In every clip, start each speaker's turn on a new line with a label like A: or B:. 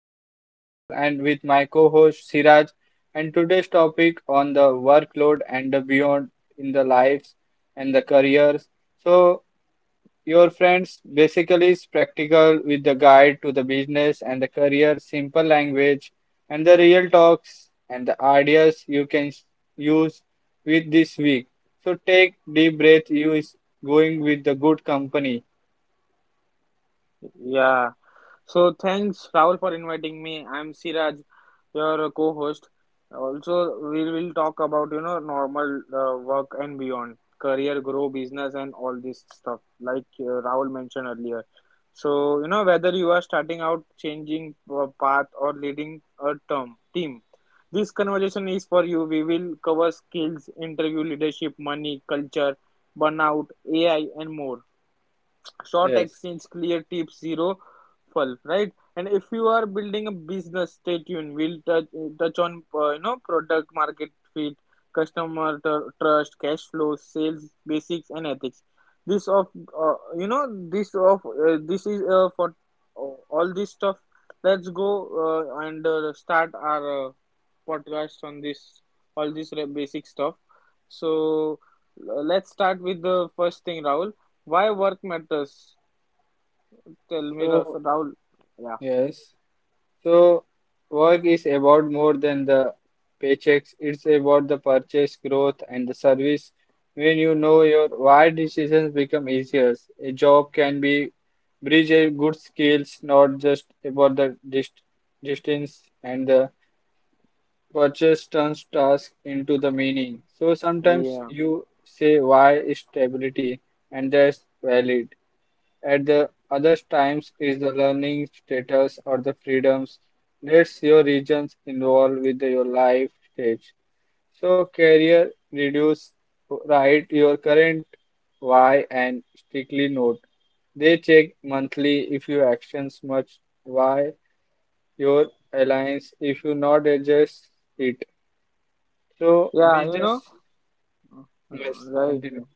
A: host Rahul and with my co-host Siraj, and today's topic on the workload and the beyond in the lives and the careers. So your friends basically is practical with the guide to the business and the career, simple language and the real talks and the ideas you can use with this week. So take deep breath you is going with the good company.
B: Yeah, so thanks Rahul for inviting me. I'm Siraj, your co-host. Also, we will talk about normal work and beyond, career, grow, business, and all this stuff like Rahul mentioned earlier. So whether you are starting out, changing path, or leading a term team, this conversation is for you. We will cover skills, interview, leadership, money, culture, burnout, AI, and more short
A: Yes.
B: exchange clear tips zero fluff, right? And if you are building a business, stay tuned. We'll touch on product market fit, customer trust, cash flow, sales basics, and ethics. this of uh, you know this is for all this stuff. Let's go, and start our podcast on this, all this basic stuff. So let's start with the first thing, Rahul. Why work matters? Tell me,
A: So
B: Rahul. Yeah,
A: yes. So, work is about more than the paychecks. It's about the purchase growth and the service. When you know your why, decisions become easier. A job can be bridge a good skills, not just about the distance and the purchase turns task into the meaning. So sometimes
B: yeah,
A: you say why is stability, and that's valid. At the other times is the learning status or the freedoms. That's your regions involved with your life stage. So career reduce write your current why and strictly note. They check monthly if your actions much why your alliance if you not adjust it. So
B: yeah.
A: we
B: You know,
A: just
B: Uh,
A: yes
B: right.
A: continue.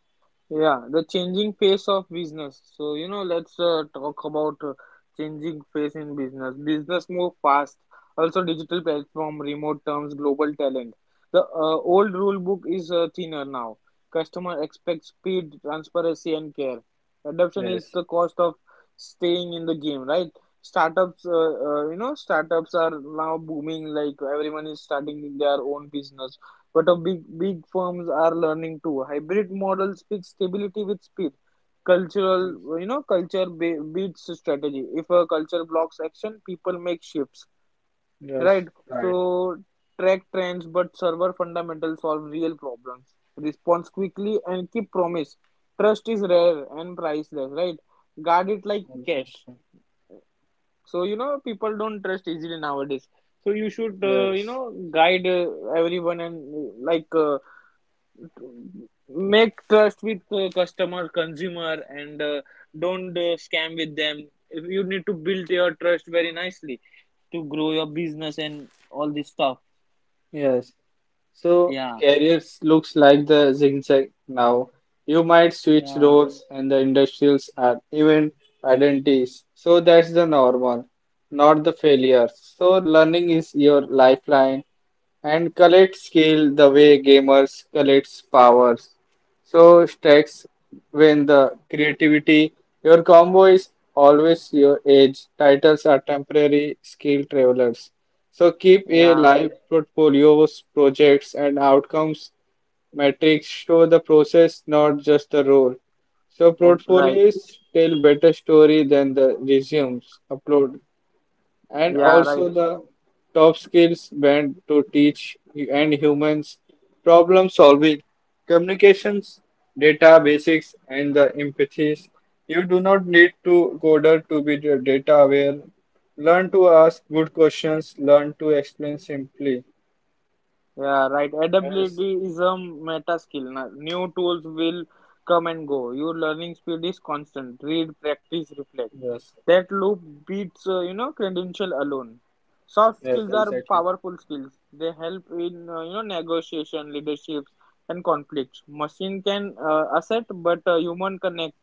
B: Yeah, the changing face of business. So, you know, let's talk about changing face in business. Business move fast. Also, digital platform, remote terms, global talent. The old rule book is thinner now. Customer expects speed, transparency, and care. Adoption is
A: Yes.
B: the cost of staying in the game, right? Startups are now booming. Like everyone is starting their own business. But a big firms are learning too. Hybrid models fix stability with speed. Culture beats strategy. If a culture blocks action, people make shifts, right?
A: Yes, right.
B: So track trends, but server fundamentals solve real problems. Response quickly and keep promise. Trust is rare and priceless, right? Guard it like
A: Also.
B: cash. So you know, people don't trust easily nowadays. So you should,
A: Yes.
B: guide everyone and make trust with customer, consumer, and don't scam with them. If you need to build your trust very nicely to grow your business and all this stuff.
A: Yes. So
B: yeah
A: careers looks like the zigzag now. You might switch
B: yeah
A: roles and the industrials are even identities. So that's the normal, not the failure. So learning is your lifeline and collect skill the way gamers collect powers. So stacks when the creativity, your combo is always your edge. Titles are temporary skill travelers. So keep a
B: yeah
A: live portfolios, projects and outcomes metrics show the process, not just the role. So
B: oh, right
A: portfolios tell better story than the resumes upload. And
B: yeah
A: also
B: right
A: the top skills meant to teach and humans problem solving, communications, data basics, and the empathies. You do not need to coder to be the data aware. Learn to ask good questions. Learn to explain simply.
B: Yeah, right.
A: Yes,
B: Adaptability is a meta skill. New tools will come and go. Your learning speed is constant. Read, practice, reflect.
A: yes,
B: That loop beats, credential alone. Soft
A: yes,
B: skills are
A: exactly.
B: powerful skills. They help in, negotiation, leaderships, and conflicts. Machine can asset, but human connect.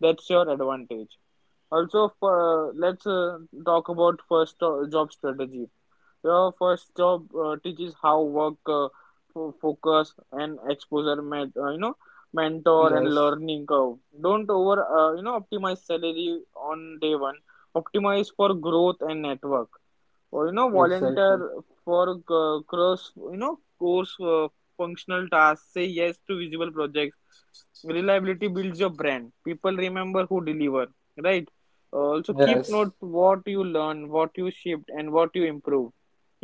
B: That's your advantage. Also, for, let's talk about first job strategy. Your first job teaches how work, focus, and exposure, mentor and
A: Yes,
B: learning curve. Don't optimize salary on day one. Optimize for growth and network, or
A: exactly.
B: volunteer for cross you know course functional tasks. Say yes to visible projects. Reliability builds your brand. People remember who deliver, right? Also, keep note
A: Yes,
B: what you learn, what you shipped, and what you improve.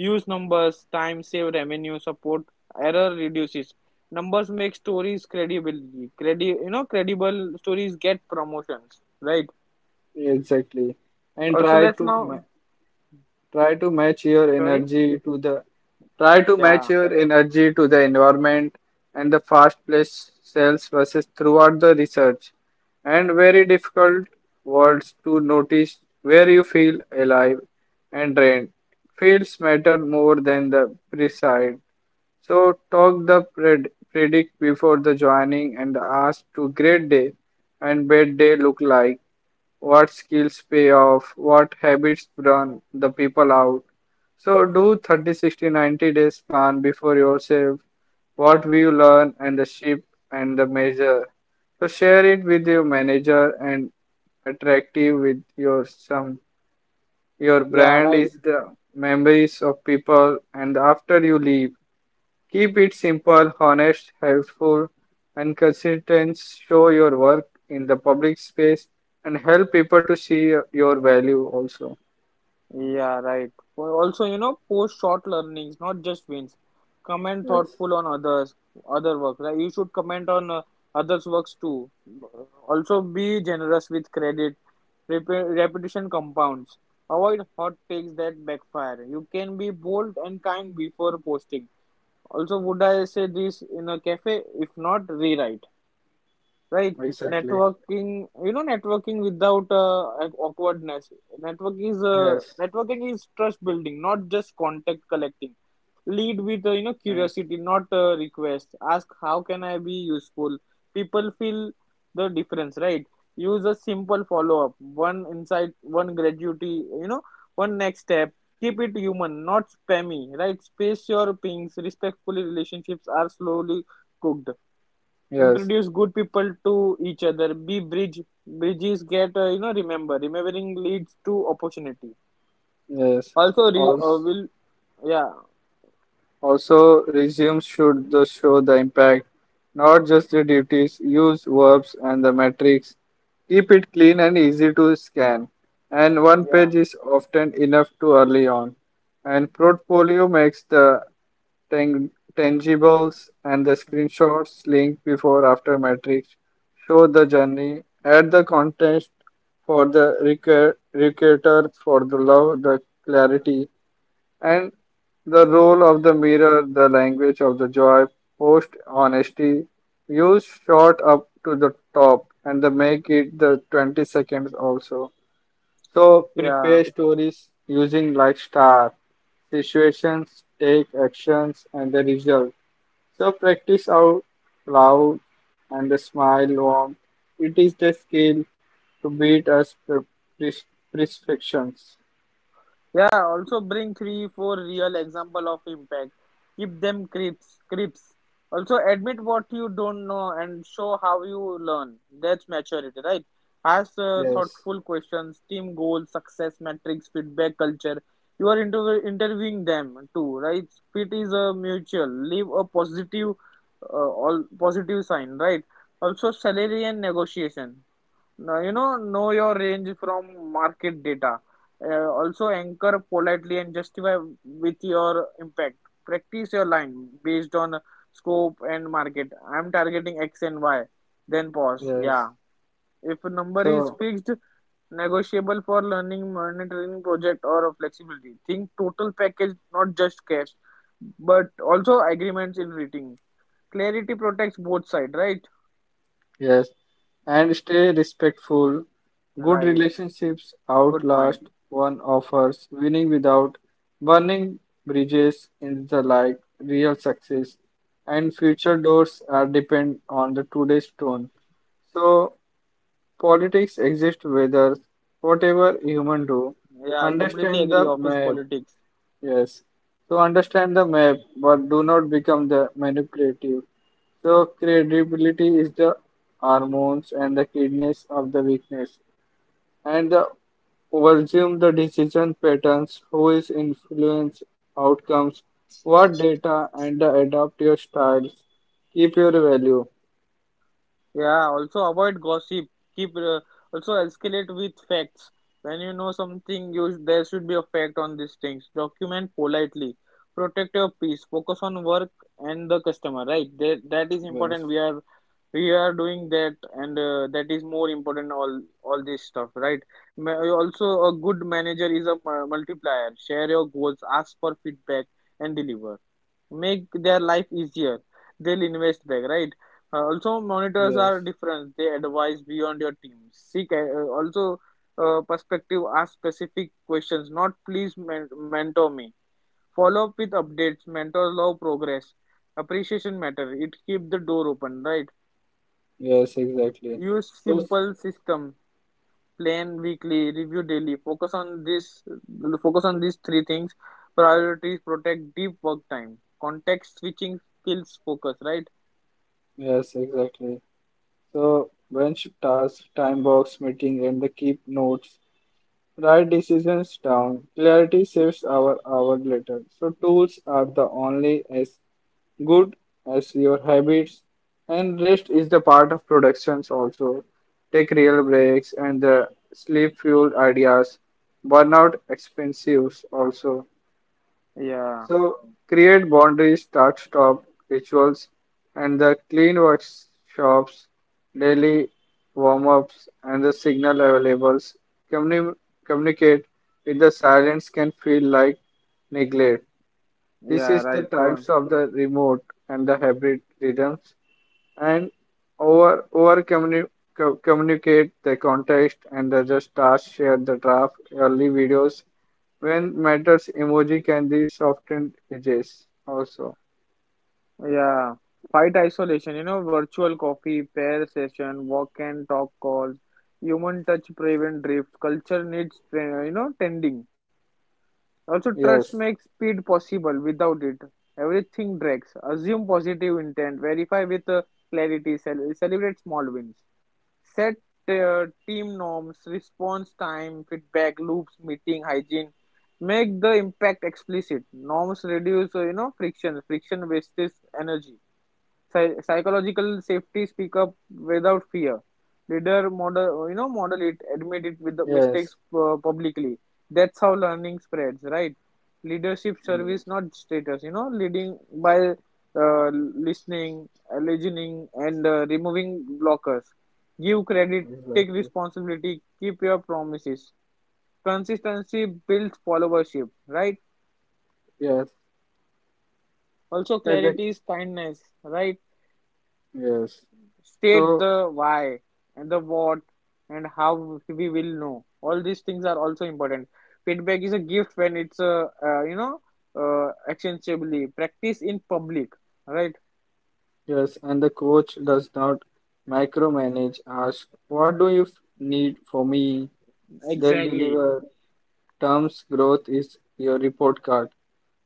B: Use numbers: time save, revenue support, error reduces. Numbers make stories credibility. Credible stories get promotions, right?
A: exactly. And
B: also
A: try
B: let's
A: to
B: now
A: Try
B: sorry
A: to match your energy to the
B: yeah
A: try to match your energy to the environment and the fast-paced cells versus throughout the research and very difficult words to notice where you feel alive and drained. Fields matter more than the precise. So talk the predict before the joining and ask to great day and bad day look like, what skills pay off, what habits burn the people out. So do 30, 60, 90 days plan before yourself, what will you learn and the ship and the measure. So share it with your manager and attractive with your some. Your
B: yeah
A: brand
B: right
A: is the memories of people and after you leave. Keep it simple, honest, helpful, and consistent. Show your work in the public space and help people to see your value also.
B: Yeah, right. Also, you know, post short learnings, not just wins. Comment
A: Yes,
B: thoughtful on others, other work. Right? You should comment on others' works too. Also, be generous with credit. Repetition compounds. Avoid hot takes that backfire. You can be bold and kind before posting. Also, would I say this in a cafe? If not, rewrite, right?
A: exactly.
B: Networking, networking without awkwardness. network is uh,
A: Yes,
B: Networking is trust building, not just contact collecting. Lead with
A: yes,
B: curiosity, not request. Ask how can I be useful. People feel the difference, right? Use a simple follow up: one insight, one gratuity, you know one next step. Keep it human, not spammy, right? Space your pings respectfully. Relationships are slowly cooked.
A: yes,
B: Introduce good people to each other. Be bridge. Bridges get remember. Remembering leads to opportunity.
A: yes.
B: Also, re-
A: Also.
B: will yeah
A: Also, resumes should thus show the impact, not just the duties, use verbs and the metrics. Keep it clean and easy to scan. And one
B: yeah
A: page is often enough to early on. And portfolio makes the tang- tangibles and the screenshots link before after metrics show the journey add the context for the recruiter for the love the clarity and the role of the mirror, the language of the joy, post honesty, use shot up to the top and the make it the 20 seconds also. So
B: yeah.
A: prepare stories using like star, situations, take actions and the result. So practice out loud and the smile warm. It is the skill to beat us pres- prescriptions.
B: Yeah, also bring three, four real example of impact. Keep them crisp. Also admit what you don't know and show how you learn. That's maturity, right? Ask
A: Yes,
B: thoughtful questions, team goals, success metrics, feedback culture. You are interviewing them too, right? Fit is a mutual. Leave a positive, all positive sign, right? Also salary and negotiation. Now, you know your range from market data. Also, anchor politely and justify with your impact. Practice your line based on scope and market. I'm targeting X and Y. Then pause.
A: yes.
B: Yeah. If a number is
A: So
B: fixed, negotiable for learning, monitoring project, or flexibility. Think total package, not just cash, but also agreements in writing. Clarity protects both sides, right?
A: yes, and stay respectful. Good
B: Right.
A: relationships
B: Good point.
A: outlast one offers winning without burning bridges in the like real success and future doors are depend on the today's tone. So politics exist whether whatever human do
B: Yeah, completely
A: understand
B: agree.
A: the
B: Office
A: map.
B: politics.
A: Yes. So understand the map, but do not become the manipulative. So credibility is the hormones and the kidneys of the weakness, and the overassume the decision patterns, who is influence outcomes, what data, and the adapt your styles. Keep your value.
B: Yeah, also avoid gossip. Keep also escalate with facts. When you know something, you there should be a fact on these things. Document politely. Protect your peace. Focus on work and the customer. Right? That that is
A: Yes,
B: important. We are doing that, and that is more important. All this stuff. Right? Also, a good manager is a multiplier. Share your goals. Ask for feedback and deliver. Make their life easier, they'll invest back, right? Also, monitors
A: yes,
B: are different. They advise beyond your team. Seek also perspective. Ask specific questions, not please mentor me. Follow up with updates. Mentors love progress. Appreciation matter, it keep the door open, right?
A: yes, exactly.
B: Use
A: So, s-
B: simple system. Plan weekly, review daily, focus on this, focus on these three things. Priorities protect deep work time. Context switching kills focus, right?
A: yes, exactly. So, bench task, time box meeting, and the keep notes. Write decisions down. Clarity saves our hour later. So tools are the only as good as your habits and rest is the part of productions also. Take real breaks and the sleep fueled ideas. Burnout expensives also.
B: Yeah,
A: So create boundaries, start stop rituals, and the clean workshops, daily warm ups, and the signal levels. Communi- communicate with the silence can feel like neglect. This
B: yeah,
A: is the
B: right, Kaun.
A: types of the remote and the hybrid rhythms and over over communi- communicate the context and the just task share the draft early videos when matters emoji can be softened edges also.
B: Yeah, fight isolation, you know, virtual coffee, pair session, walk and talk calls. Human touch prevent drift. Culture needs, tending. Also,
A: Yes,
B: trust makes speed possible. Without it, everything drags. Assume positive intent, verify with clarity, celebrate small wins. Set team norms, response time, feedback loops, meeting hygiene. Make the impact explicit. Norms reduce, friction. Friction wastes energy. Psychological safety: speak up without fear. Leader model, model it, admit it with the mistakes
A: yes,
B: publicly. That's how learning spreads, right? Leadership service,
A: yes,
B: not status. You know, leading by listening listening and removing blockers. Give credit, take
A: exactly.
B: responsibility, keep your promises. Consistency builds followership, right?
A: Yes,
B: Also
A: I think-
B: clarity is kindness, right?
A: yes,
B: State
A: so
B: the why and the what, and how we will know. All these things are also important. Feedback is a gift when it's a, actionably practice in public, right?
A: yes, and the coach does not micromanage ask what do you need for me then deliver terms growth is your report card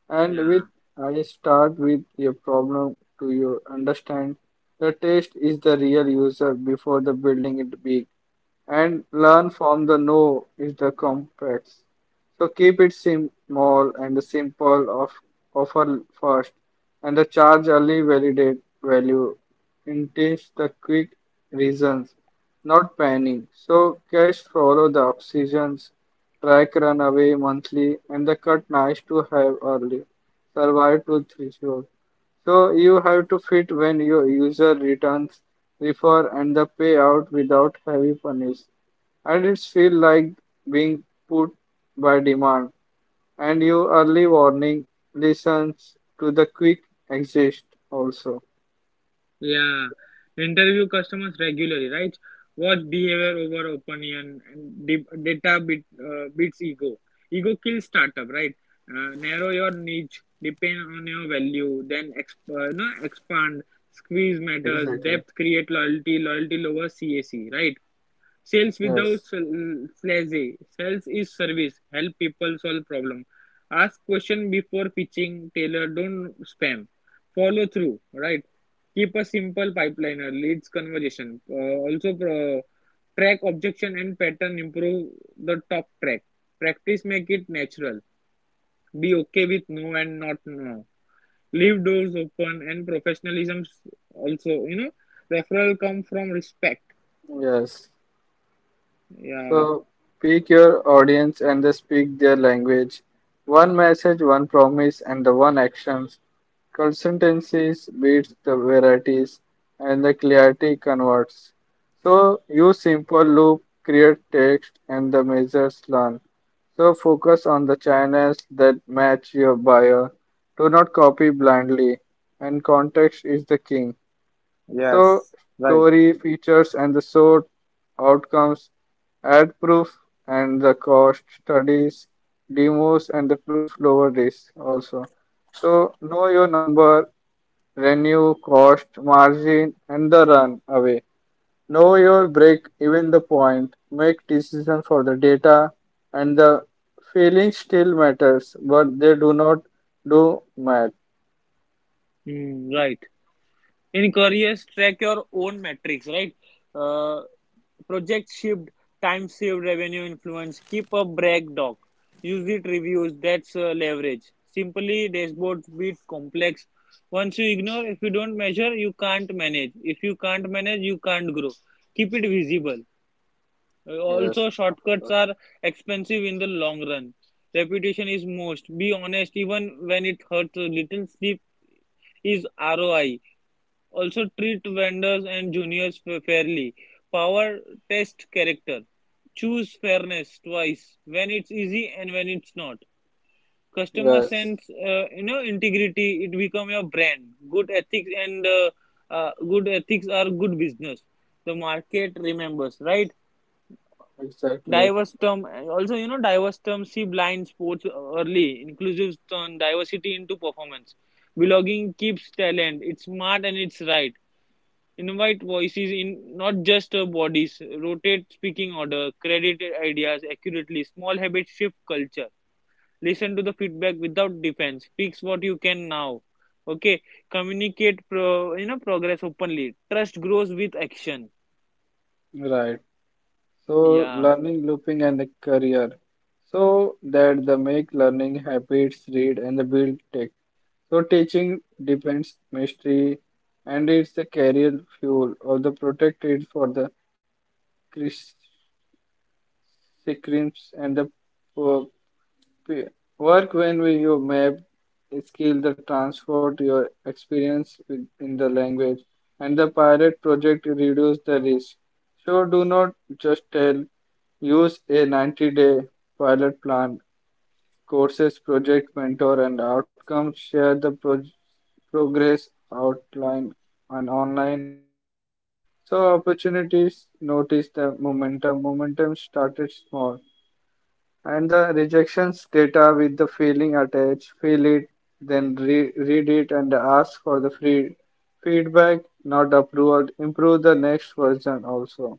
A: and with I start with your problem to you understand the test is the real user before the building it big and learn from the no is the complex. So keep it small and simple of offer first and the charge early validate value intends the quick reasons, not panic. So cash follow the oxygens, track run away monthly and the cut nice to have early. Survive to threshold. So you have to fit when your user returns, refer and the payout without heavy punish. And it's feel like being put by demand. And your early warning listens to the quick exit also.
B: Yeah, interview customers regularly, right? Watch behavior over opinion, and data beats ego. Ego kills startup, right? Narrow your niche, depend on your value, then exp- no, expand. Squeeze matters, depth create loyalty, loyalty lowers CAC, right? Sales without
A: Yes,
B: slazy. Sales is service. Help people solve problem. Ask question before pitching. Tailor. Don't spam. Follow through. Right. Keep a simple pipeliner. Leads conversation. Track objection and pattern. Improve the talk track. Practice make it natural. Be okay with no and not no. Leave doors open and professionalism also. You know, referral come from respect.
A: yes.
B: Yeah.
A: So pick your audience and they speak their language. One message, one promise, and the one actions. Consistencies beats the varieties and the clarity converts. So use simple loop, create text, and the measures learn. So focus on the channels that match your buyer. Do not copy blindly, and context is the king. So
B: Yes, right.
A: story features and the sort outcomes, add proof and the cost studies, demos and the proof lower risk also. So know your number, renew, cost, margin and the run away. Know your break even the point, make decision for the data and the feeling still matters, but they do not do math.
B: Hmm, right. In careers, track your own metrics, right? Uh, Project shipped, time saved, revenue influence. Keep a brag doc. Use it reviews. That's leverage. Simply dashboards beat complex. Once you ignore, if you don't measure, you can't manage. If you can't manage, you can't grow. Keep it visible.
A: Yes,
B: Also,
A: of
B: shortcuts
A: course.
B: are expensive in the long run. Reputation is most. Be honest, even when it hurts a little. Sleep is ROI. Also treat vendors and juniors fairly. Power test character. Choose fairness twice, when it's easy and when it's not. Customer
A: Yes,
B: sense, integrity. It become your brand. Good ethics and good ethics are good business. The market remembers, right?
A: exactly.
B: Diverse term. Also, you know, diverse term see blind spots early. Inclusive turn diversity into performance. Belonging keeps talent. It's smart and it's right. Invite voices in, not just bodies. Rotate speaking order. Credit ideas accurately. Small habits shift culture. Listen to the feedback without defense. Fix what you can now. Okay. Communicate progress openly. Trust grows with action.
A: Right. So
B: Yeah.
A: learning looping and the career. So that the make learning habits read and the build tech. So teaching depends mystery and it's the career fuel or the protected for the crisps and the Work when we you map skills the transport your experience with, in the language, and the pilot project reduce the risk. So do not just tell, use a 90-day pilot plan, courses, project mentor, and outcomes. Share the progress outline and online. So opportunities notice the momentum. Momentum started small. And the rejections data with the feeling attached, feel it, then re read it and ask for the free feedback, not approved. Improve the next version also.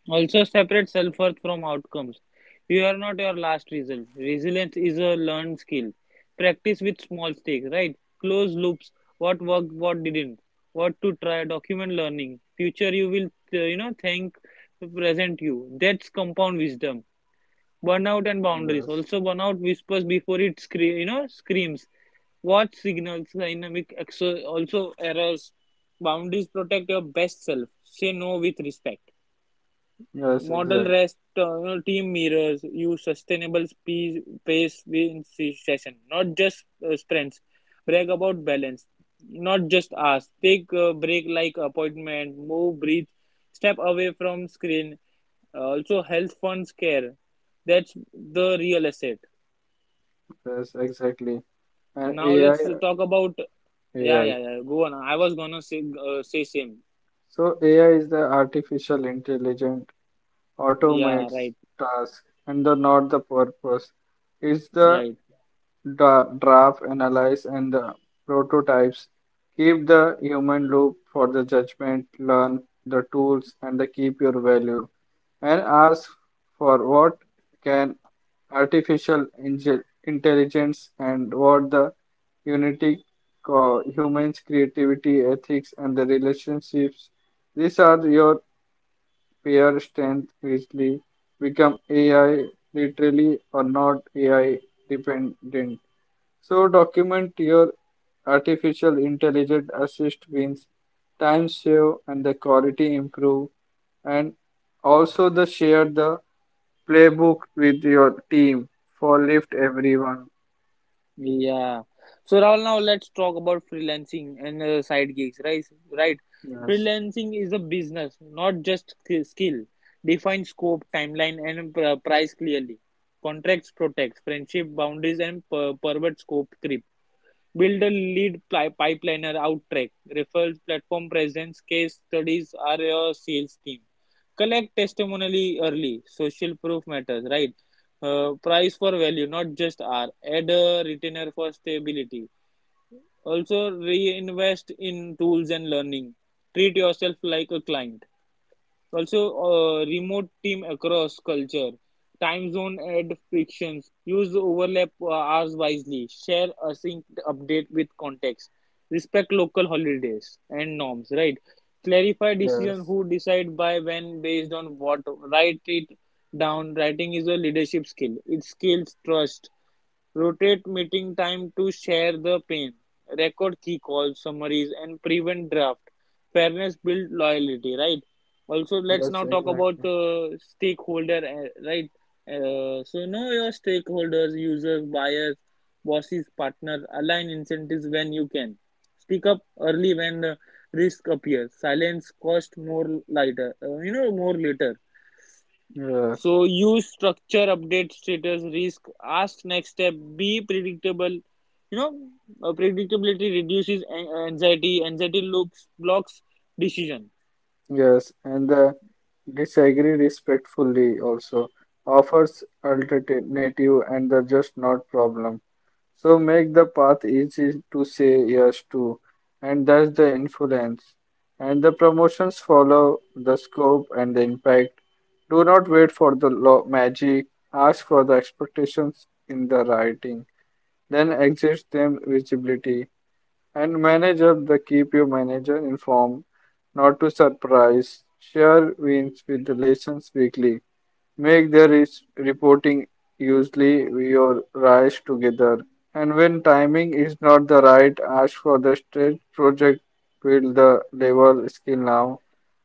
B: Also, separate self worth from outcomes. You are not your last result. Resilience is a learned skill. Practice with small stakes, right? Close loops. What worked, what didn't. What to try. Document learning. Future you will, thank the present you. That's compound wisdom. Burnout and boundaries. Also, burnout whispers before it screams. Watch signals, dynamic, also errors. Boundaries protect your best self. Say no with respect.
A: Yes,
B: Model
A: exact.
B: rest, team mirrors. Use sustainable speed, pace in session, not just sprints. Brag about balance, not just ask. Take a break like appointment, move, breathe, step away from screen. Also, health funds care. That's the real asset.
A: Yes, exactly. And
B: Now let's talk about Yeah, yeah,
A: AI.
B: yeah. Go on. I was gonna say same.
A: So AI is the artificial intelligent
B: Yeah,
A: automates
B: right,
A: task and the not the purpose. It's the
B: right.
A: draft, analyze, and the prototypes. Keep the human loop for the judgment, learn the tools, and the keep your value. And ask for what can artificial intelligence and what the unity, humans, creativity, ethics, and the relationships. These are your peer strength. Wisely become AI literally or not AI dependent. So document your artificial intelligence assist wins, time save and the quality improve and also the share the playbook with your team for lift everyone.
B: Yeah. So Rahul, now let's talk about freelancing and side gigs, right? Right.
A: Yes,
B: Freelancing is a business, not just skill. Define scope, timeline, and price clearly. Contracts protect friendship boundaries and pervert scope creep. Build a lead pipeliner, outtrack, referrals, platform presence, case studies are your sales team. Collect testimony early. Social proof matters, right? Price for value, not just R. Add a retainer for stability. Also, reinvest in tools and learning. Treat yourself like a client. Also, remote team across culture, time zone add frictions, use overlap hours wisely, share a sync update with context, respect local holidays and norms, right? Clarify decision
A: yes,
B: who decide by when based on what, write it down. Writing is a leadership skill. It skills trust. Rotate meeting time to share the pain, record key calls, summaries, and prevent draft. Fairness build loyalty, right? Also, let's
A: yes,
B: now talk about
A: exactly.
B: the stakeholder, right? So know your stakeholders, users, buyers, bosses, partners. Align incentives when you can. Speak up early when risk appears. Silence cost more later. More later, so
A: Yes,
B: use structure, update status, risk, ask next step, be predictable. You know, Predictability reduces anxiety. Anxiety looks blocks decision.
A: yes, and the disagree respectfully also offers alternative and the just not problem. So make the path easy to say yes to, and thus the influence. And the promotions follow the scope and the impact. Do not wait for the law magic. Ask for the expectations in the writing. Then exit them visibility. And manage up the keep your manager informed, not to surprise. Share wins with relations weekly make their reporting usually your rise together. And when timing is not the right, ask for the state project, build the level skill now.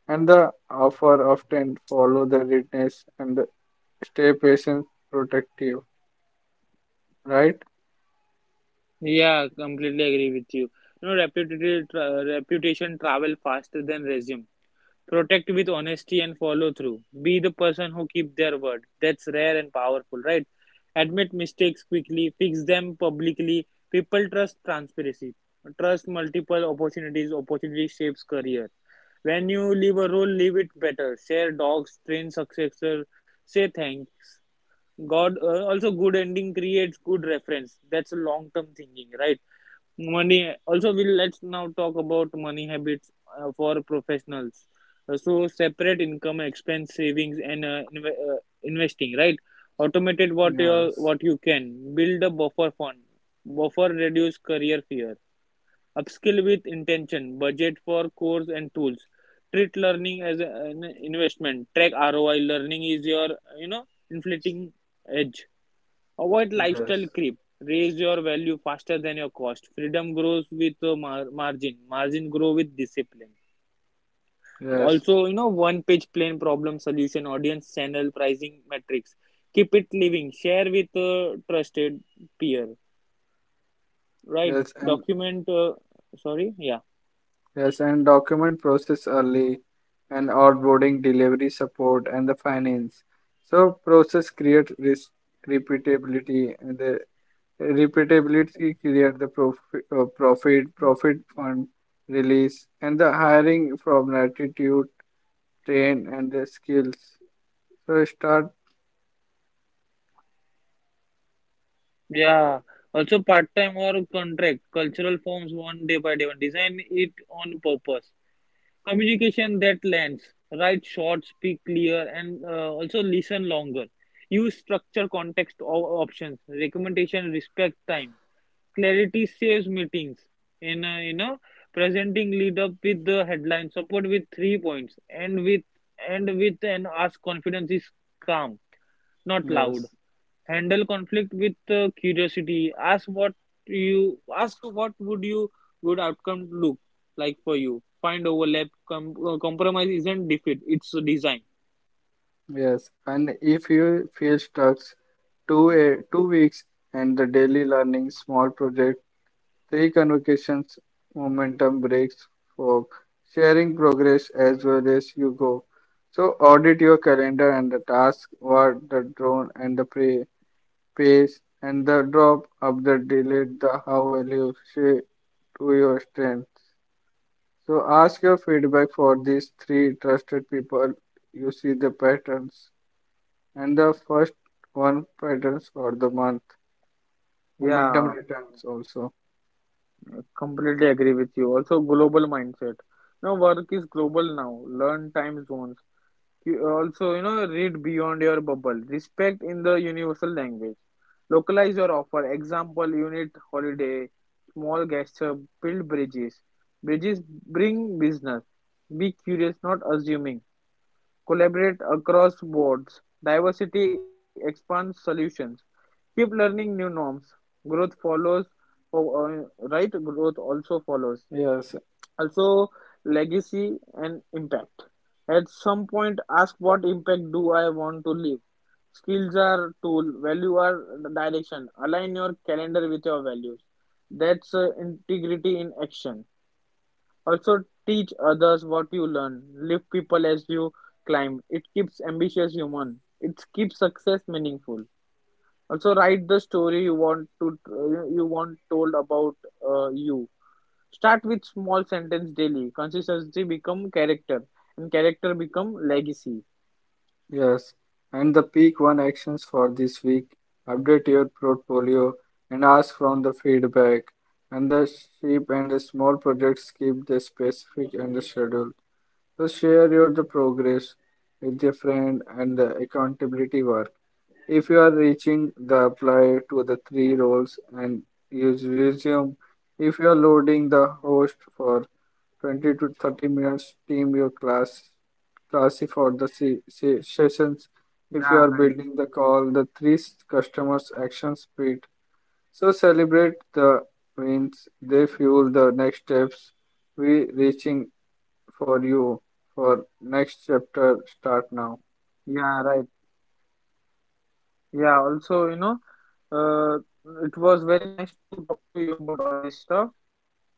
A: And the offer often follow the readiness and the stay patient protective, right?
B: Yeah, completely agree with you. Reputation, reputation travel faster than resume. Protect with honesty and follow through. Be the person who keep their word. That's rare and powerful, right? Admit mistakes quickly, fix them publicly. People trust transparency. Trust multiple opportunities. Opportunity shapes career. When you leave a role, leave it better. Share dogs, train successor, say thanks. God Also, good ending creates good reference. That's long term thinking, right? money also we will Let's now talk about money habits for professionals. So separate income expense savings and investing, right? Automated
A: Yes.
B: what you can. Build a buffer fund. Buffer reduce career fear. Upskill with intention, budget for course and tools. Treat learning as an investment. Track ROI. Learning is your you know inflating edge. Avoid lifestyle creep. Raise your value faster than your cost. Freedom grows with margin. Margin grow with discipline.
A: Yes,
B: Also, one page plan problem solution, audience channel, pricing metrics. Keep it living. Share with trusted peer. Right.
A: yes, and
B: Document. Sorry. Yeah.
A: yes, and document process early and onboarding, delivery support, and the finance. So process creates risk repeatability, and the repeatability create the profit, profit fund release, and the hiring from attitude, train, and the skills. So start.
B: Yeah. Also, part time or contract. Cultural forms one day by day. One design it on purpose. Communication that lands. Write short, speak clear, and also listen longer. Use structure, context or options, recommendation, respect time. Clarity saves meetings. In a, presenting, lead up with the headline, support with three points and ask. Confidence is calm, not loud.
A: Yes,
B: Handle conflict with curiosity. Ask what would you good outcome look like for you. Find overlap. Compromise isn't defeat, it's a design.
A: yes, and if you feel stuck, two weeks and the daily learning small project three convocations, momentum breaks for sharing progress as well as you go. So audit your calendar and the task, what the drone and the pray, pace and the drop of the delete the how will you to your strength. So ask your feedback for these three trusted people. You see the patterns and the first one patterns for the month. Momentum
B: Yeah,
A: returns also.
B: completely agree with you. Also, global mindset. Now, work is global now. Learn time zones. You also, read beyond your bubble. Respect in the universal language. Localize your offer. Example, unit, holiday, small gesture, build bridges. Bridges bring business. Be curious, not assuming. Collaborate across boards. Diversity expands solutions. Keep learning new norms. Growth follows, oh, right? Growth also follows.
A: Yes,
B: Also, legacy and impact. At some point ask what impact do I want to leave. Skills are tool, value are direction. Align your calendar with your values. That's integrity in action. Also, teach others what you learn. Lift people as you climb. It keeps ambitious human. It keeps success meaningful. Also, write the story you want to you want told about you. Start with small sentence daily. Consistency become character, and character become legacy.
A: yes, and the peak one actions for this week. Update your portfolio and ask from the feedback. And the sheep and the small projects keep the specific and the schedule. So share your the progress with your friend and the accountability work. If you are reaching, the apply to the three roles and use resume. If you are loading the host for 20 to 30 minutes, team your class classy for the
B: Yeah, right.
A: sessions. If you are building the call, the three customers action speed. So celebrate the wins. They fuel the next steps. We reaching for you for next chapter. Start now.
B: Yeah, also, uh, it was very nice to talk to you about all this stuff.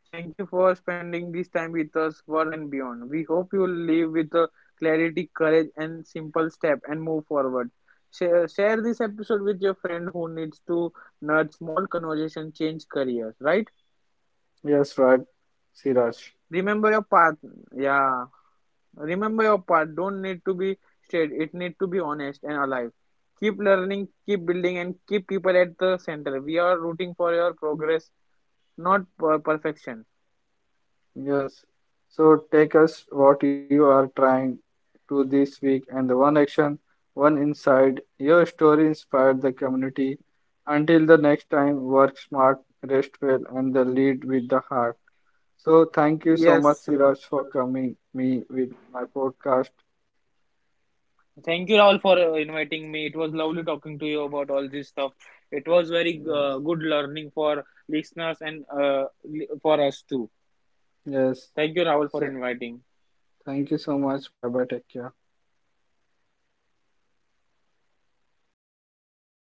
B: Thank you for spending this time with us, work and beyond. We hope you live with clarity, courage, and simple step and move forward. Share this episode with your friend who needs to nudge small conversation, change careers, right?
A: Yes, right, Siraj.
B: Remember your path. Yeah. Remember your part don't need to be straight, it need to be honest and alive. Keep learning, keep building and keep people at the center. We are rooting for your progress, not perfection.
A: Yes. So take us what you are trying to this week and the one action, one inside your story inspired the community. Until the next time, work smart, rest well, and the lead with the heart. So thank you so much,
B: Yes.
A: Siraj, for coming me with my podcast.
B: Thank you, Rahul, for inviting me. It was lovely talking to you about all this stuff. It was very
A: Yes.
B: good learning for listeners and for us too.
A: Yes.
B: Thank you, Rahul, for
A: So
B: inviting.
A: thank you so much. Bye bye. Take care.